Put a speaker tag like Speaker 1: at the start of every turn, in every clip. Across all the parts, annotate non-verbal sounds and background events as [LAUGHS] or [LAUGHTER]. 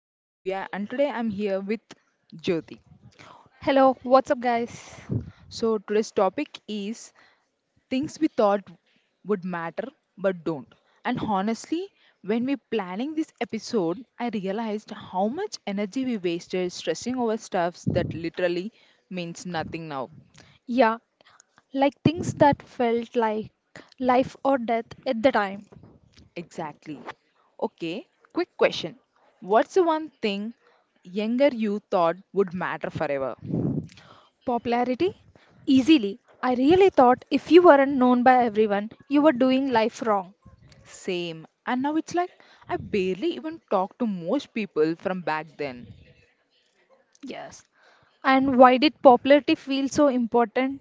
Speaker 1: I'm Divya and today I'm here with Jyoti.
Speaker 2: Hello, what's up, guys?
Speaker 1: So today's topic is things we thought would matter but don't. And honestly, when we planning this episode, I realized how much energy we wasted stressing over stuffs that literally means nothing now.
Speaker 2: Yeah, like things that felt like life or death at the time.
Speaker 1: Exactly. Okay, quick question. What's the one thing younger you thought would matter forever?
Speaker 2: Popularity? Easily. I really thought if you weren't known by everyone, you were doing life wrong.
Speaker 1: Same. And now it's like I barely even talk to most people from back then
Speaker 2: Yes. And why did popularity feel so important?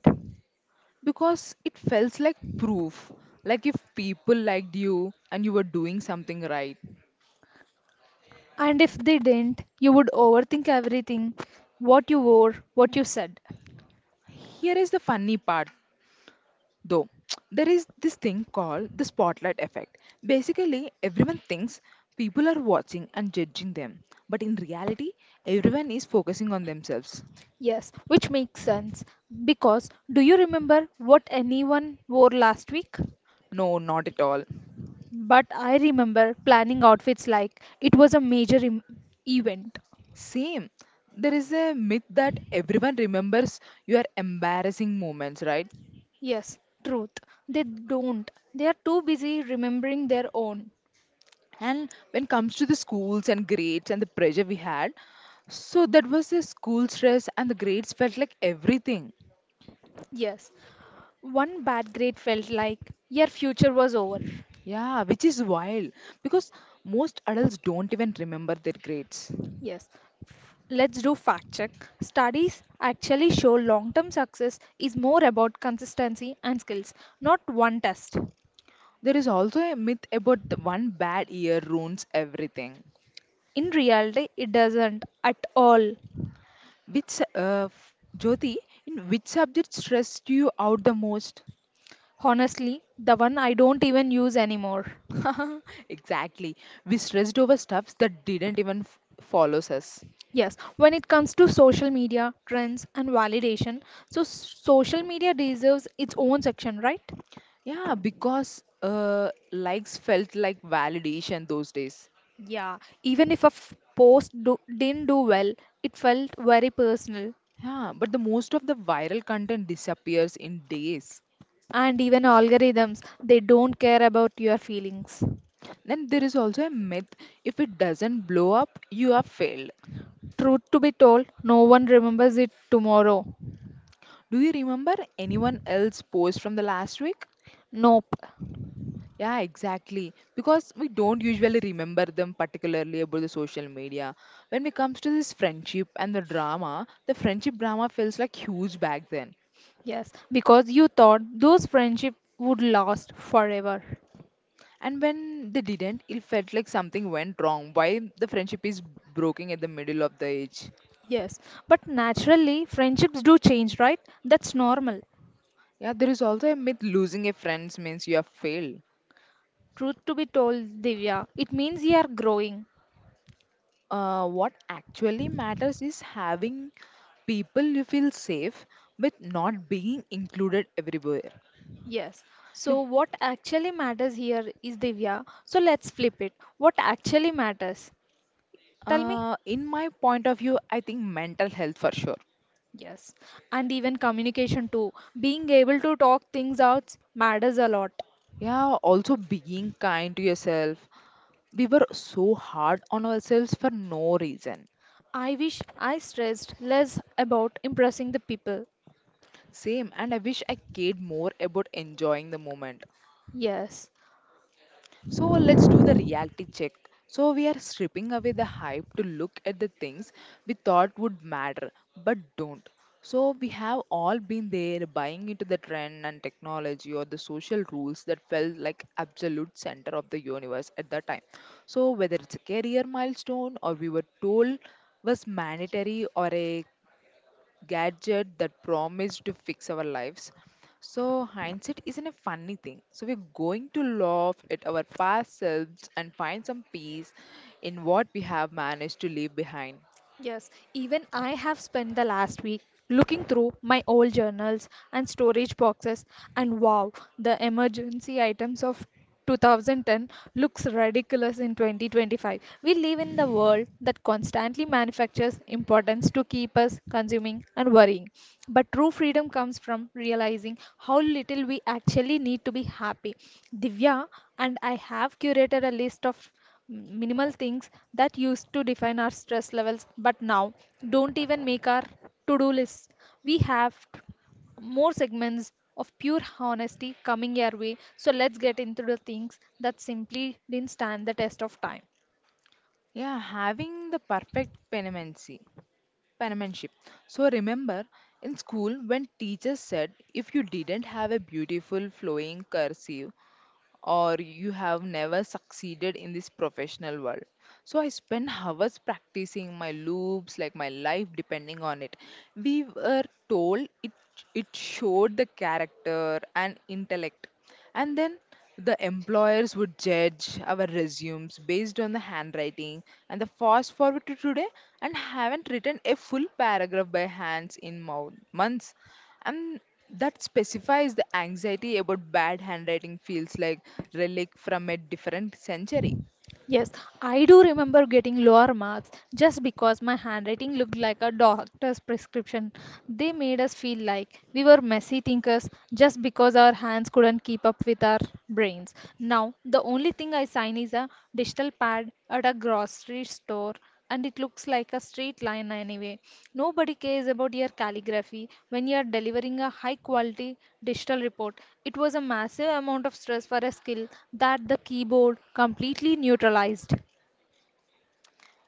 Speaker 1: because it felt like proof. Like if people liked you and you were doing something right.
Speaker 2: And if they didn't, you would overthink everything, what you wore, what you said.
Speaker 1: Here is the funny part though. [TSK] There is this thing called the spotlight effect. Basically, everyone thinks people are watching and judging them, but in reality, everyone is focusing on themselves.
Speaker 2: Yes, which makes sense. Because do you remember what anyone wore last week?
Speaker 1: No, not at all.
Speaker 2: But I remember planning outfits like it was a major event.
Speaker 1: Same. There is a myth that everyone remembers your embarrassing moments, right?
Speaker 2: Yes, truth. They don't. They are too busy remembering their own.
Speaker 1: And when it comes to the schools and grades and the pressure we had, so that was the school stress and the grades felt like everything.
Speaker 2: Yes. One bad grade felt like your future was over.
Speaker 1: Yeah, which is wild because most adults don't even remember their grades.
Speaker 2: Yes. Let's do fact check. Studies actually show long term success is more about consistency and skills, not one test.
Speaker 1: There is also a myth about the one bad year ruins everything.
Speaker 2: In reality, it doesn't at all.
Speaker 1: Jyoti, in which subject stressed you out the most?
Speaker 2: Honestly, the one I don't even use anymore.
Speaker 1: [LAUGHS] Exactly. We stressed over stuffs that didn't even follows us.
Speaker 2: Yes, when it comes to social media, trends, and validation, so social media deserves its own section, right?
Speaker 1: Yeah, because likes felt like validation those days.
Speaker 2: Yeah, even if a didn't do well, it felt very personal.
Speaker 1: Yeah, but the most of the viral content disappears in days.
Speaker 2: And even algorithms, they don't care about your feelings.
Speaker 1: Then there is also a myth if it doesn't blow up, you have failed.
Speaker 2: Truth to be told, no one remembers it tomorrow.
Speaker 1: Do you remember anyone else post from the last week?
Speaker 2: Nope.
Speaker 1: Yeah, exactly. Because we don't usually remember them particularly about the social media. When it comes to this friendship and the drama, the friendship drama feels like huge back then.
Speaker 2: Yes, because you thought those friendships would last forever.
Speaker 1: And when they didn't, it felt like something went wrong. Why the friendship is broken at the middle of the age?
Speaker 2: Yes, but naturally, friendships do change, right? That's normal.
Speaker 1: Yeah, there is also a myth losing a friend means you have failed.
Speaker 2: Truth to be told, Divya, it means you are growing.
Speaker 1: What actually matters is having people you feel safe with, not being included everywhere.
Speaker 2: Yes. So, what actually matters here is Divya. So, let's flip it. What actually matters? Tell me.
Speaker 1: In my point of view, I think mental health for sure.
Speaker 2: Yes. And even communication too. Being able to talk things out matters a lot.
Speaker 1: Yeah, also being kind to yourself. We were so hard on ourselves for no reason.
Speaker 2: I wish I stressed less about impressing the people.
Speaker 1: Same, and I wish I cared more about enjoying the moment.
Speaker 2: Yes.
Speaker 1: So let's do the reality check. So we are stripping away the hype to look at the things we thought would matter but don't. So we have all been there, buying into the trend and technology or the social rules that felt like absolute center of the universe at that time. So whether it's a career milestone or we were told was mandatory, or a gadget that promised to fix our lives. So, hindsight isn't a funny thing. So, we're going to laugh at our past selves and find some peace in what we have managed to leave behind.
Speaker 2: Yes, even I have spent the last week looking through my old journals and storage boxes, and wow, the emergency items of 2010 looks ridiculous in 2025. We live in the world that constantly manufactures importance to keep us consuming and worrying. But true freedom comes from realizing how little we actually need to be happy. Divya and I have curated a list of minimal things that used to define our stress levels but now don't even make our to-do list. We have more segments of pure honesty coming your way, so let's get into the things that simply didn't stand the test of time.
Speaker 1: Yeah, having the perfect penmanship. Penmanship. So, remember in school when teachers said if you didn't have a beautiful flowing cursive, or you have never succeeded in this professional world. So I spent hours practicing my loops, like my life depending on it. We were told it showed the character and intellect. And then the employers would judge our resumes based on the handwriting, and the fast forward to today, and haven't written a full paragraph by hands in months. And that specifies the anxiety about bad handwriting feels like relic from a different century.
Speaker 2: Yes, I do remember getting lower marks just because my handwriting looked like a doctor's prescription. They made us feel like we were messy thinkers just because our hands couldn't keep up with our brains. Now, the only thing I sign is a digital pad at a grocery store, and it looks like a straight line anyway. Nobody cares about your calligraphy when you are delivering a high quality digital report. It was a massive amount of stress for a skill that the keyboard completely neutralized.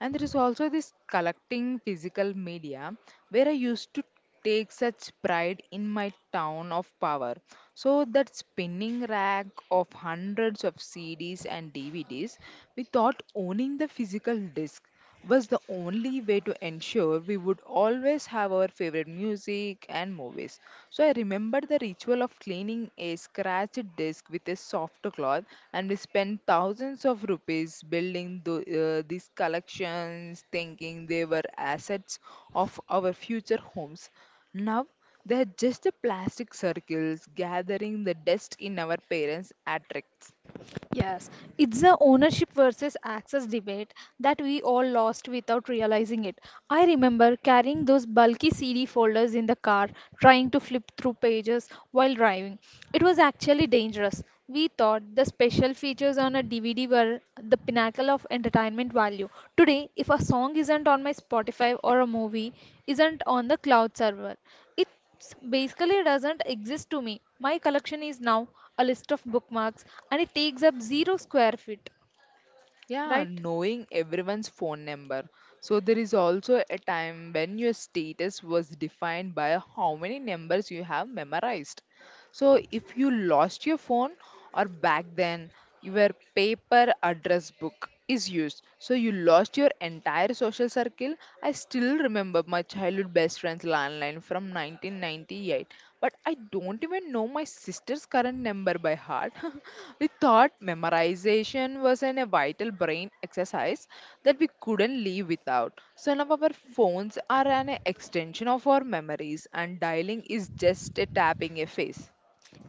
Speaker 1: And there is also this collecting physical media, where I used to take such pride in my town of power. So that spinning rack of hundreds of CDs and DVDs, without owning the physical disc, was the only way to ensure we would always have our favorite music and movies. So I remember the ritual of cleaning a scratched disc with a soft cloth, and we spent thousands of rupees building these collections, thinking they were assets of our future homes. Now they are just the plastic circles gathering the dust in our parents' attics.
Speaker 2: Yes, it's a ownership versus access debate that we all lost without realizing it. I remember carrying those bulky CD folders in the car, trying to flip through pages while driving. It was actually dangerous. We thought the special features on a DVD were the pinnacle of entertainment value. Today, if a song isn't on my Spotify or a movie isn't on the cloud server, it basically doesn't exist to me. My collection is now a list of bookmarks and it takes up zero square feet,
Speaker 1: Yeah,
Speaker 2: right?
Speaker 1: knowing everyone's phone number. So there is also a time when your status was defined by how many numbers you have memorized. So if you lost your phone, or back then your paper address book is used. So you lost your entire social circle. I still remember my childhood best friend's landline from 1998, but I don't even know my sister's current number by heart. [LAUGHS] We thought memorization was a vital brain exercise that we couldn't live without. So now our phones are an extension of our memories, and dialing is just a tapping a face.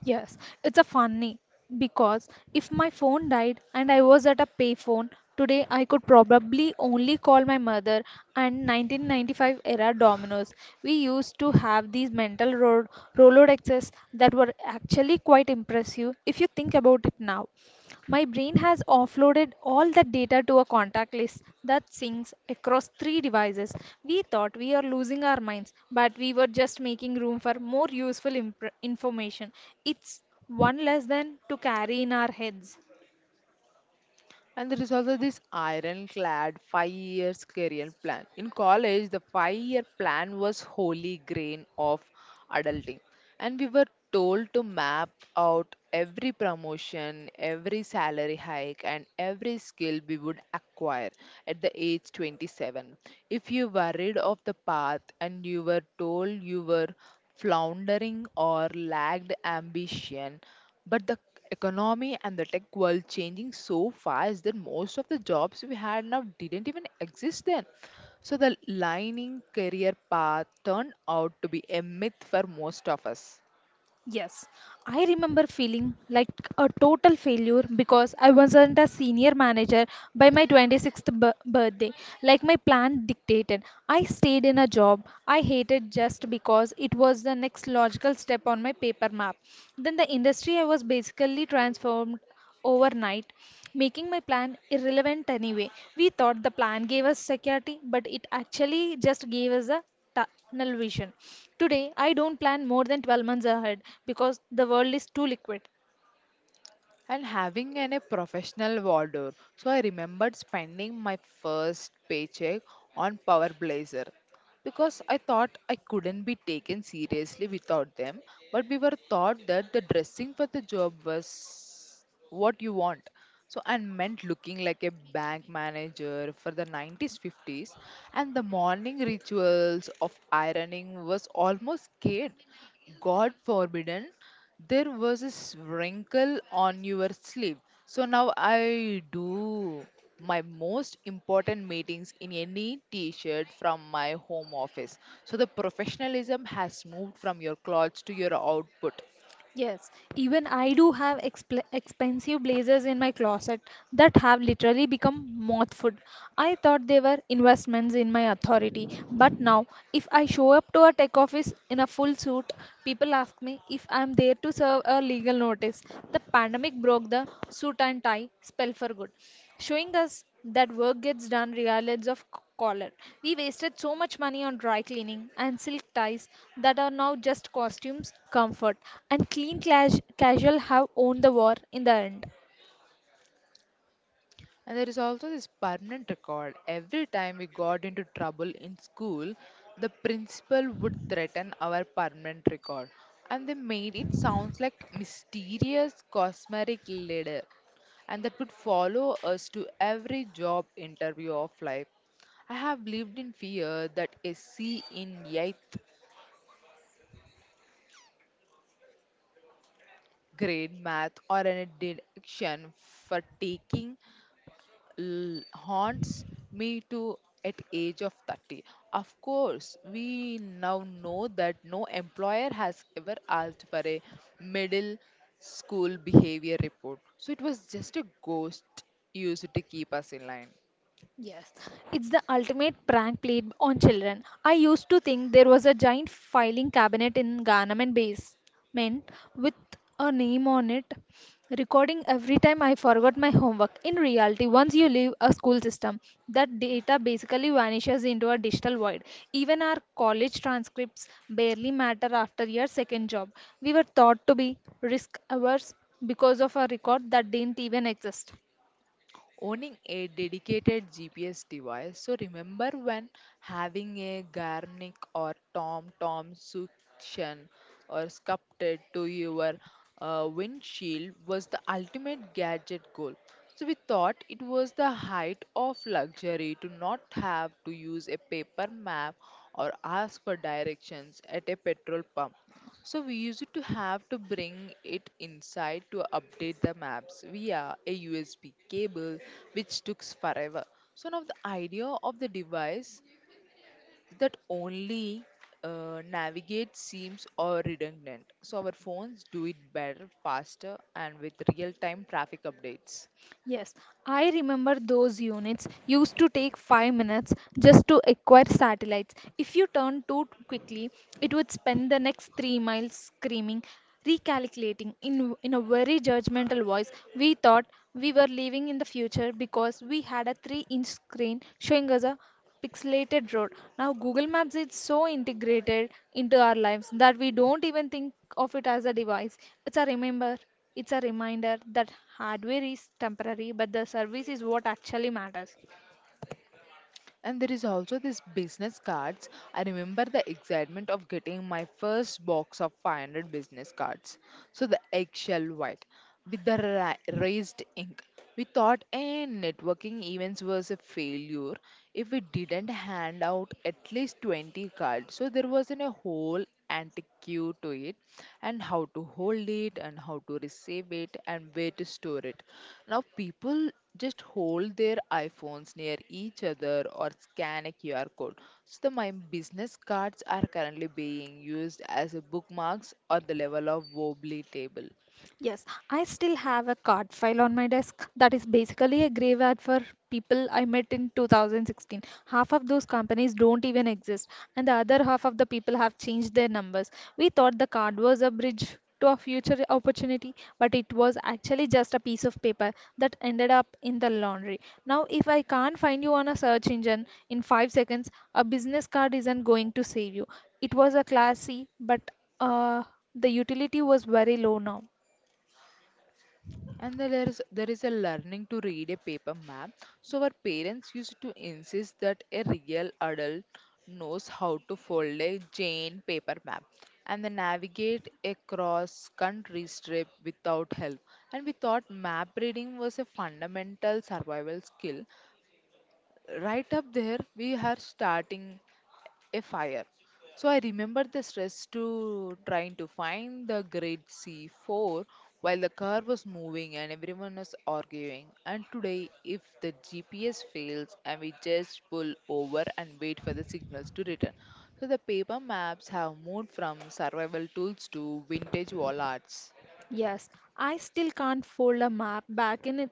Speaker 2: Yes, it's a funny because if my phone died and I was at a payphone today, I could probably only call my mother and 1995 era Dominoes. We used to have these mental road Rolodexes that were actually quite impressive if you think about it now. My brain has offloaded all that data to a contact list that syncs across three devices. We thought we are losing our minds, but we were just making room for more useful impr information. It's one less than to carry in our heads.
Speaker 1: And there is also this ironclad 5 years career plan. In college, the 5-year plan was holy grain of adulting. And we were told to map out every promotion, every salary hike, and every skill we would acquire at the age 27. If you worried of the path, and you were told you were floundering or lacked ambition. But the economy and the tech world changing so fast that most of the jobs we had now didn't even exist then. So the lining career path turned out to be a myth for most of us.
Speaker 2: Yes, I remember feeling like a total failure because I wasn't a senior manager by my 26th birthday, like my plan dictated. I stayed in a job I hated just because it was the next logical step on my paper map. Then the industry I was basically transformed overnight, making my plan irrelevant anyway. We thought the plan gave us security, but it actually just gave us a tunnel vision. Today, I don't plan more than 12 months ahead because the world is too liquid.
Speaker 1: And having a professional wardrobe. So I remembered spending my first paycheck on Power Blazer because I thought I couldn't be taken seriously without them. But we were taught that the dressing for the job was what you want. So and meant looking like a bank manager for the 90s 50s, and the morning rituals of ironing was almost scared. God forbidden there was this wrinkle on your sleeve. So now I do my most important meetings in any t shirt from my home office. So the professionalism has moved from your clothes to your output.
Speaker 2: Yes, even I do have expensive blazers in my closet that have literally become moth food. I thought they were investments in my authority, but now if I show up to a tech office in a full suit, people ask me if I'm there to serve a legal notice. The pandemic broke the suit and tie spell for good, showing us that work gets done regardless of color. We wasted so much money on dry cleaning and silk ties that are now just costumes, comfort, and clean casual have owned the war in the end.
Speaker 1: And there is also this permanent record. Every time we got into trouble in school, the principal would threaten our permanent record. And they made it sounds like mysterious cosmetic leader. And that would follow us to every job interview of life. I have lived in fear that a C in 8th grade math, or an addiction for taking haunts me to at age of 30. Of course we now know that no employer has ever asked for a middle school behavior report, so it was just a ghost used to keep us in line.
Speaker 2: Yes, it's the ultimate prank played on children. I used to think there was a giant filing cabinet in government basement with a name on it, recording every time I forgot my homework. In reality, once you leave a school system, that data basically vanishes into a digital void. Even our college transcripts barely matter after your second job. We were thought to be risk averse because of a record that didn't even exist.
Speaker 1: Owning a dedicated GPS device. So remember when having a Garmin or Tom Tom suction or sculpted to your windshield was the ultimate gadget goal. So we thought it was the height of luxury to not have to use a paper map or ask for directions at a petrol pump. So we used to have to bring it inside to update the maps via a USB cable, which took forever. So now the idea of the device that only navigate seems or redundant. So our phones do it better, faster, and with real-time traffic updates.
Speaker 2: Yes, I remember those units used to take 5 minutes just to acquire satellites. If you turned too quickly, it would spend the next 3 miles screaming, recalculating in a very judgmental voice. We thought we were living in the future because we had a 3-inch screen showing us a pixelated road. Now, Google Maps is so integrated into our lives that we don't even think of it as a device. It's a reminder that hardware is temporary, but the service is what actually matters.
Speaker 1: And there is also this business cards. I remember the excitement of getting my first box of 500 business cards. So the eggshell white with the raised ink. We thought networking events was a failure if we didn't hand out at least 20 cards. So there wasn't a whole antique queue to it, and how to hold it, and how to receive it, and where to store it. Now people just hold their iPhones near each other or scan a QR code. So the my business cards are currently being used as a bookmarks or the level of wobbly table.
Speaker 2: Yes, I still have a card file on my desk that is basically a graveyard for people I met in 2016. Half of those companies don't even exist, and the other half of the people have changed their numbers. We thought the card was a bridge to a future opportunity, but it was actually just a piece of paper that ended up in the laundry. Now, if I can't find you on a search engine in 5 seconds, a business card isn't going to save you. It was a classy, but uh, the utility was very low now.
Speaker 1: And then there is a learning to read a paper map. So our parents used to insist that a real adult knows how to fold a Jane paper map and then navigate a cross country strip without help. And we thought map reading was a fundamental survival skill, right up there we are starting a fire. So I remember the stress to trying to find the grade C4 while the car was moving and everyone was arguing. And today, if the GPS fails, and we just pull over and wait for the signals to return. So the paper maps have moved from survival tools to vintage wall arts.
Speaker 2: Yes, I still can't fold a map back in it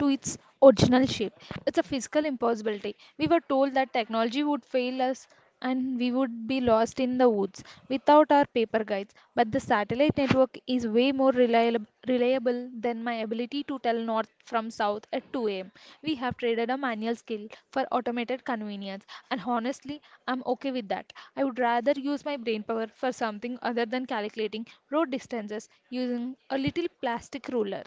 Speaker 2: to its original shape. It's a physical impossibility. We were told that technology would fail us and we would be lost in the woods without our paper guides, but the satellite network is way more reliable than my ability to tell north from south at 2 a.m. We have traded a manual skill for automated convenience, and honestly, I'm okay with that. I would rather use my brain power for something other than calculating road distances using a little plastic ruler.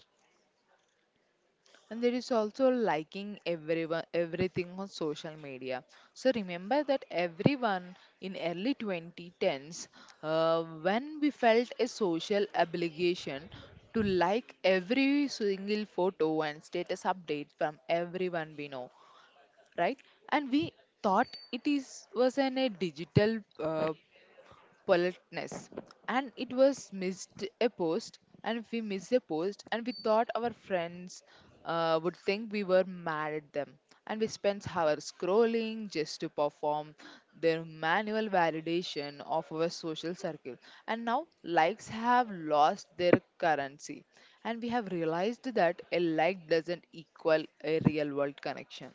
Speaker 1: And there is also liking everyone everything on social media. So remember that everyone in early 2010s, when we felt a social obligation to like every single photo and status update from everyone we know, right? And we thought it is was an a digital politeness. And it was missed a post, and we missed a post, and we thought our friends would think we were mad at them. And we spent hours scrolling just to perform their manual validation of our social circle. And now likes have lost their currency. And we have realized that a like doesn't equal a real world connection.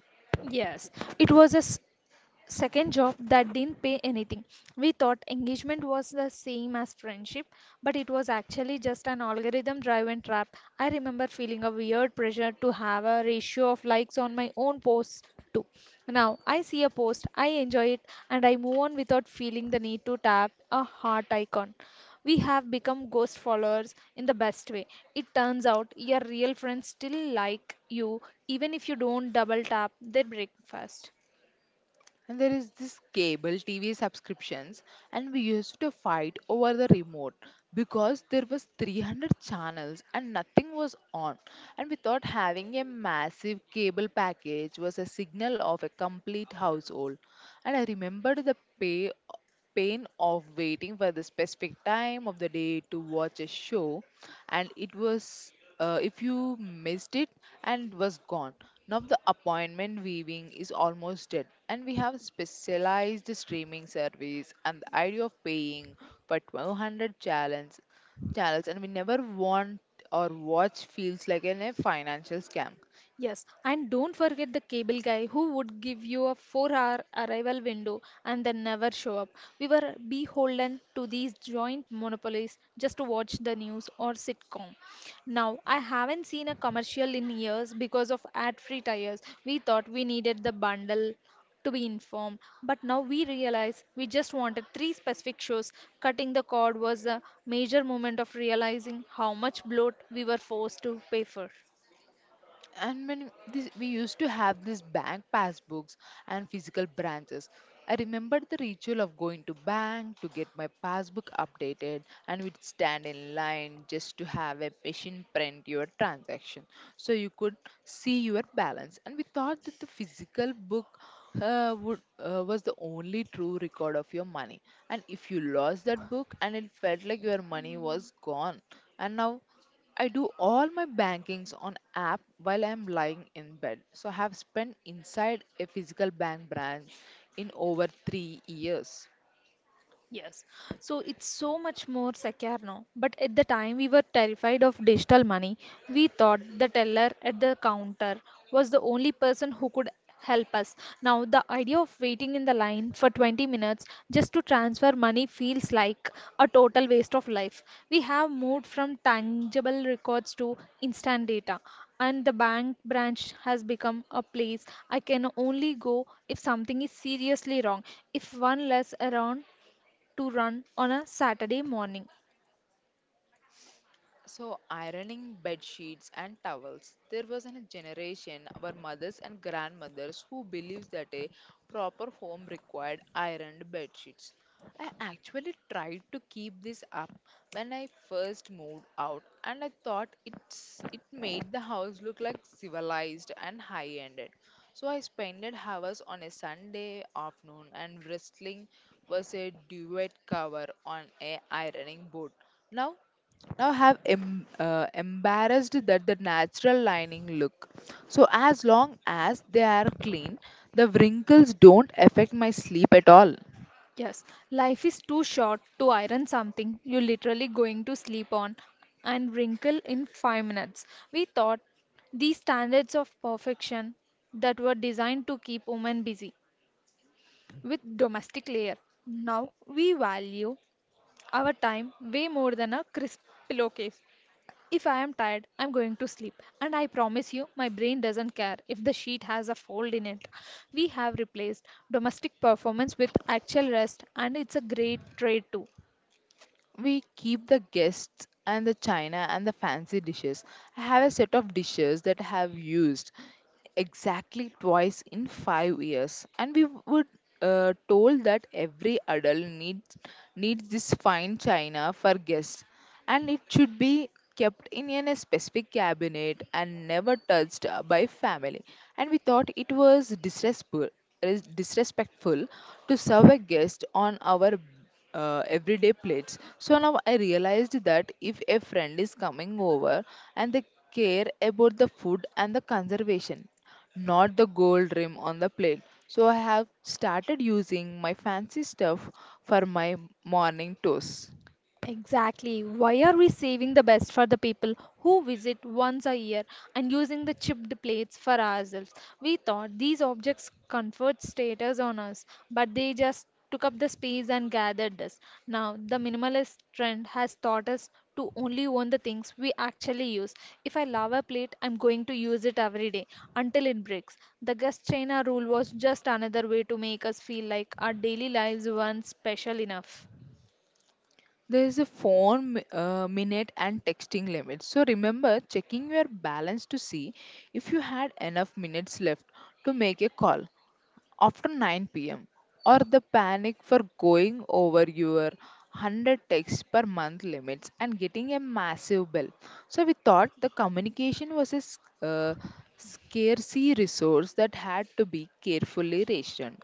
Speaker 2: Yes, it was a second job that didn't pay anything. We thought engagement was the same as friendship, but it was actually just an algorithm driven trap. I remember feeling a weird pressure to have a ratio of likes on my own posts too. Now I see a post, I enjoy it, and I move on without feeling the need to tap a heart icon. We have become ghost followers in the best way. It turns out your real friends still like you even if you don't double tap their breakfast.
Speaker 1: And there is this cable TV subscriptions, and we used to fight over the remote because there was 300 channels and nothing was on. And we thought having a massive cable package was a signal of a complete household. And I remembered the pay pain of waiting for the specific time of the day to watch a show, and it was if you missed it, and it was gone. Now the appointment viewing is almost dead, and we have specialized streaming service, and the idea of paying for 1200 challenge channels and we never want or watch feels like a financial scam.
Speaker 2: Yes, and don't forget the cable guy who would give you a 4 hour arrival window and then never show up. We were beholden to these joint monopolies just to watch the news or sitcom. Now, I haven't seen a commercial in years because of ad free tires. We thought we needed the bundle to be informed, but now we realize we just wanted three specific shows. Cutting the cord was a major moment of realizing how much bloat we were forced to pay for.
Speaker 1: And when this, we used to have these bank passbooks and physical branches. I remembered the ritual of going to bank to get my passbook updated, and we'd stand in line just to have a machine print your transaction so you could see your balance. And we thought that the physical book was the only true record of your money, and if you lost that book, and it felt like your money was gone. And now I do all my bankings on app while I'm lying in bed. So I have spent inside a physical bank branch in over 3 years.
Speaker 2: Yes, so it's so much more secure now. But at the time, we were terrified of digital money. We thought the teller at the counter was the only person who could help us. Now, the idea of waiting in the line for 20 minutes just to transfer money feels like a total waste of life. We have moved from tangible records to instant data, and the bank branch has become a place I can only go if something is seriously wrong. If one less around, to run on a Saturday morning.
Speaker 1: So, ironing bed sheets and towels. There was a generation, our mothers and grandmothers, who believed that a proper home required ironed bed sheets. I actually tried to keep this up when I first moved out, and I thought it made the house look like civilized and high-ended. So I spent hours on a Sunday afternoon and wrestling was a duvet cover on a ironing board. Now now have embarrassed that the natural lining look, so as long as they are clean, the wrinkles don't affect my sleep at all.
Speaker 2: Yes, life is too short to iron something you're literally going to sleep on and wrinkle in 5 minutes. We thought these standards of perfection that were designed to keep women busy with domestic layer. Now we value our time way more than a crisp pillowcase. If I am tired, I'm going to sleep, and I promise you, my brain doesn't care if the sheet has a fold in it. We have replaced domestic performance with actual rest, and it's a great trade too.
Speaker 1: We keep the guests and the china and the fancy dishes. I have a set of dishes that I have used exactly twice in 5 years, and we would told that every adult needs this fine china for guests, and it should be kept in a specific cabinet and never touched by family. And we thought it was disrespectful to serve a guest on our everyday plates. So now I realized that if a friend is coming over, and they care about the food and the conservation, not the gold rim on the plate. So I have started using my fancy stuff for my morning toast.
Speaker 2: Exactly. Why are we saving the best for the people who visit once a year and using the chipped plates for ourselves? We thought these objects conferred status on us, but they just took up the space and gathered dust. Now, the minimalist trend has taught us to only own the things we actually use. If I love a plate, I'm going to use it every day until it breaks. The guest China rule was just another way to make us feel like our daily lives weren't special enough.
Speaker 1: There is a phone minute and texting limit, so remember checking your balance to see if you had enough minutes left to make a call after 9 p.m., or the panic for going over your 100 texts per month limits and getting a massive bill. So we thought the communication was a scarcity resource that had to be carefully rationed,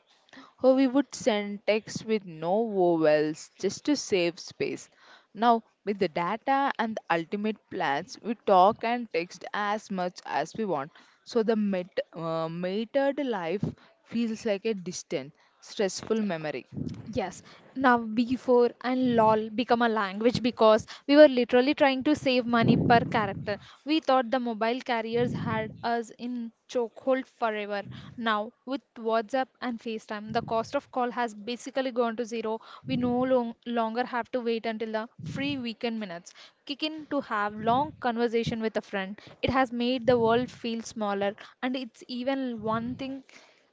Speaker 1: or we would send text with no vowels just to save space. Now, with the data and the ultimate plans, we talk and text as much as we want. So, the metered life feels like a distant, stressful memory.
Speaker 2: Yes, now before and LOL become a language because we were literally trying to save money per character. We thought the mobile carriers had us in chokehold forever. Now, with WhatsApp and FaceTime, the cost of call has basically gone to zero. We no longer have to wait until the free weekend minutes kick in to have long conversation with a friend. It has made the world feel smaller, and it's even one thing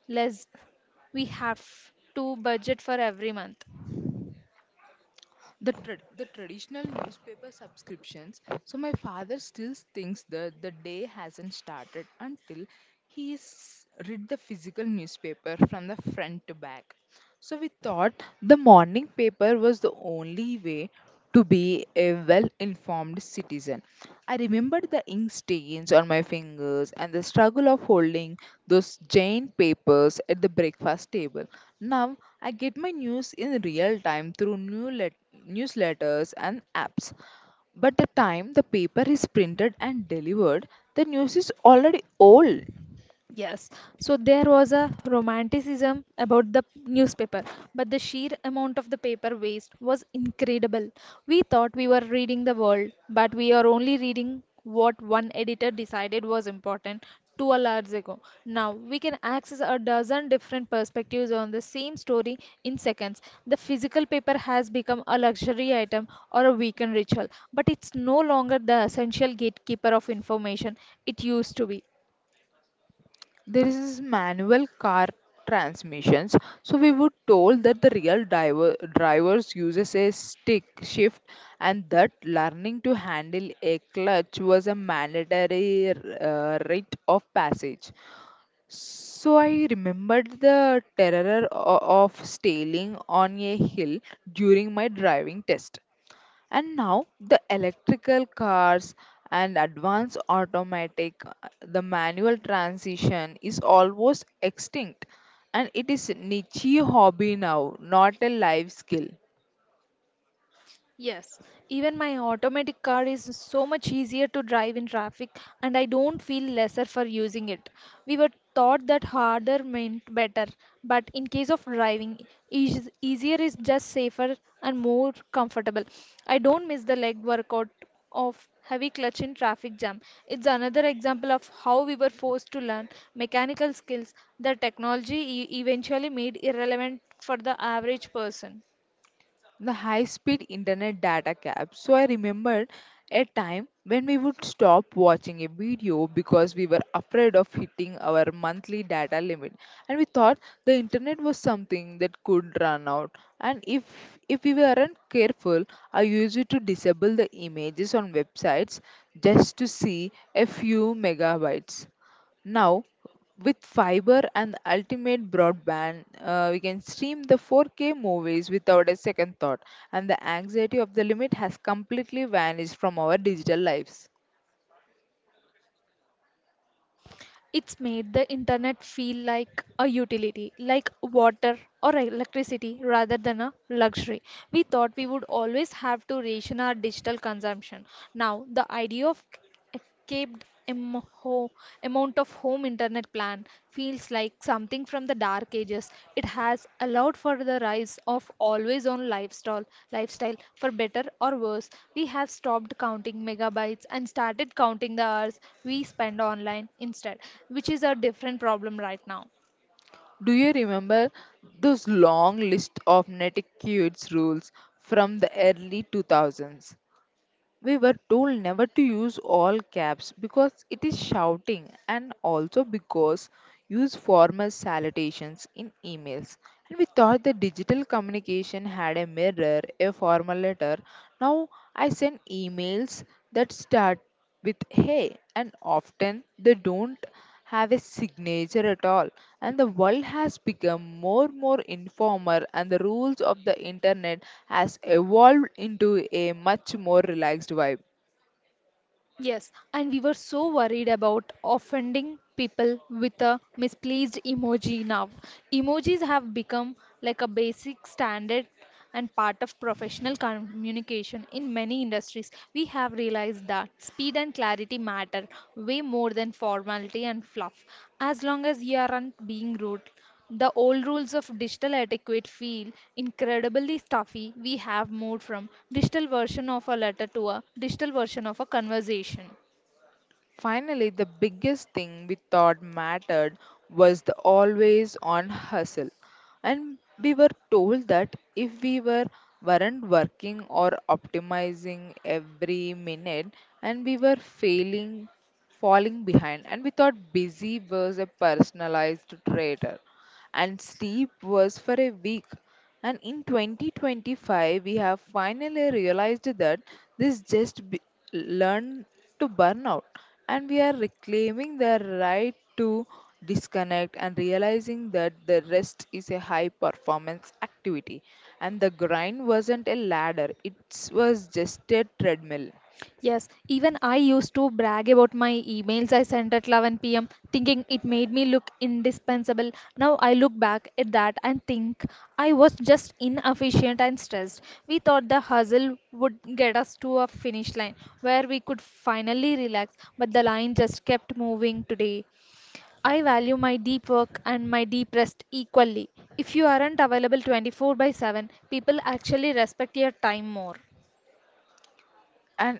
Speaker 2: less we have to budget for every month.
Speaker 1: The traditional newspaper subscriptions. So my father still thinks that the day hasn't started until he's read the physical newspaper from the front to back. So we thought the morning paper was the only way to be a well informed citizen. I remembered the ink stains on my fingers and the struggle of holding those giant papers at the breakfast table. Now I get my news in real time through newsletters, and apps. But the time the paper is printed and delivered, the news is already old.
Speaker 2: Yes, so there was a romanticism about the newspaper, but the sheer amount of the paper waste was incredible. We thought we were reading the world, but we are only reading what one editor decided was important 2 hours ago. Now we can access a dozen different perspectives on the same story in seconds. The physical paper has become a luxury item or a weekend ritual, but it's no longer the essential gatekeeper of information it used to be.
Speaker 1: There is manual car transmissions, so we were told that the real drivers uses a stick shift, and that learning to handle a clutch was a mandatory rite of passage. So I remembered the terror of sailing on a hill during my driving test. And now the electrical cars and advanced automatic, the manual transition is almost extinct, and it is niche hobby now, not a life skill.
Speaker 2: Yes, even my automatic car is so much easier to drive in traffic, and I don't feel lesser for using it. We were taught that harder meant better, but in case of driving, easier is just safer and more comfortable. I don't miss the leg workout of heavy clutch in traffic jam. It's another example of how we were forced to learn mechanical skills that technology eventually made irrelevant for the average person.
Speaker 1: The high speed internet data cap. So I remembered a time when we would stop watching a video because we were afraid of hitting our monthly data limit, and we thought the internet was something that could run out, and if we weren't careful. I used it to disable the images on websites just to see a few megabytes. Now, with fiber and the ultimate broadband, we can stream the 4K movies without a second thought, and the anxiety of the limit has completely vanished from our digital lives.
Speaker 2: It's made the internet feel like a utility, like water or electricity, rather than a luxury. We thought we would always have to ration our digital consumption. Now, the idea of a capped amount of home internet plan Pakistan feels like something from the dark ages. It has allowed for the rise of always on lifestyle for better or worse. We have stopped counting megabytes and started counting the hours we spend online instead, which is a different problem right now.
Speaker 1: Do you remember those long list of Netiquette rules from the early 2000s? We were told never to use all caps because it is shouting, and also because use formal salutations in emails. And we thought that digital communication had a mirror, a formal letter. Now I send emails that start with hey, and often they don't have a signature at all. And the world has become more and more informal, and the rules of the internet has evolved into a much more relaxed vibe.
Speaker 2: Yes, and we were so worried about offending people with a misplaced emoji now. Emojis have become like a basic standard and part of professional communication in many industries. We have realized that speed and clarity matter way more than formality and fluff. As long as you aren't being rude, the old rules of digital etiquette feel incredibly stuffy. We have moved from digital version of a letter to a digital version of a conversation.
Speaker 1: Finally, the biggest thing we thought mattered was the always on hustle. And we were told that if we weren't working or optimizing every minute, and we were failing falling behind, and we thought busy was a personalized traitor, and sleep was for a week. And in 2025, we have finally realized that this just learned to burn out, and we are reclaiming the right to disconnect, and realizing that the rest is a high performance activity, and the grind wasn't a ladder, it was just a treadmill.
Speaker 2: Yes, even I used to brag about my emails I sent at 11 p.m., thinking it made me look indispensable. Now I look back at that and think I was just inefficient and stressed. We thought the hustle would get us to a finish line where we could finally relax, but the line just kept moving today. I value my deep work and my deep rest equally. If you aren't available 24/7, people actually respect your time more.
Speaker 1: And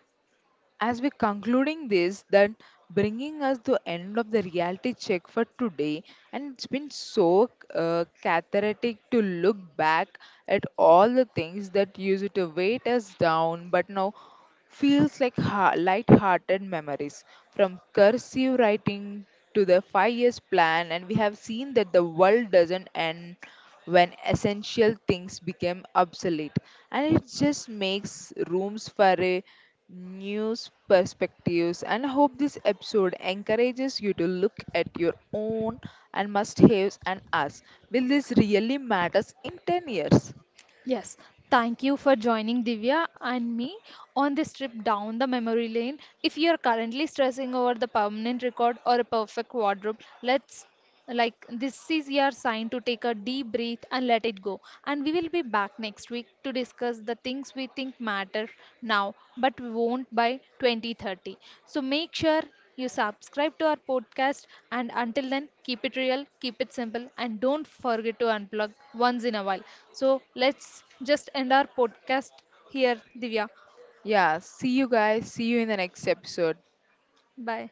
Speaker 1: as we concluding this, that bringing us to end of the reality check for today, and it's been so cathartic to look back at all the things that used to weight us down, but now feels like light-hearted memories. From cursive writing to the 5 years plan, and we have seen that the world doesn't end when essential things became obsolete, and it just makes rooms for a new perspectives. And I hope this episode encourages you to look at your own and must haves and ask, will this really matters in 10 years?
Speaker 2: Yes, thank you for joining Divya and me on this trip down the memory lane. If you're currently stressing over the permanent record or a perfect wardrobe, let's like this is your sign to take a deep breath and let it go, and we will be back next week to discuss the things we think matter now but we won't by 2030. So make sure you subscribe to our podcast, and until then keep it real, keep it simple, and don't forget to unplug once in a while. So let's just end our podcast here. Divya,
Speaker 1: Yeah, see you guys, see you in the next episode.
Speaker 2: bye.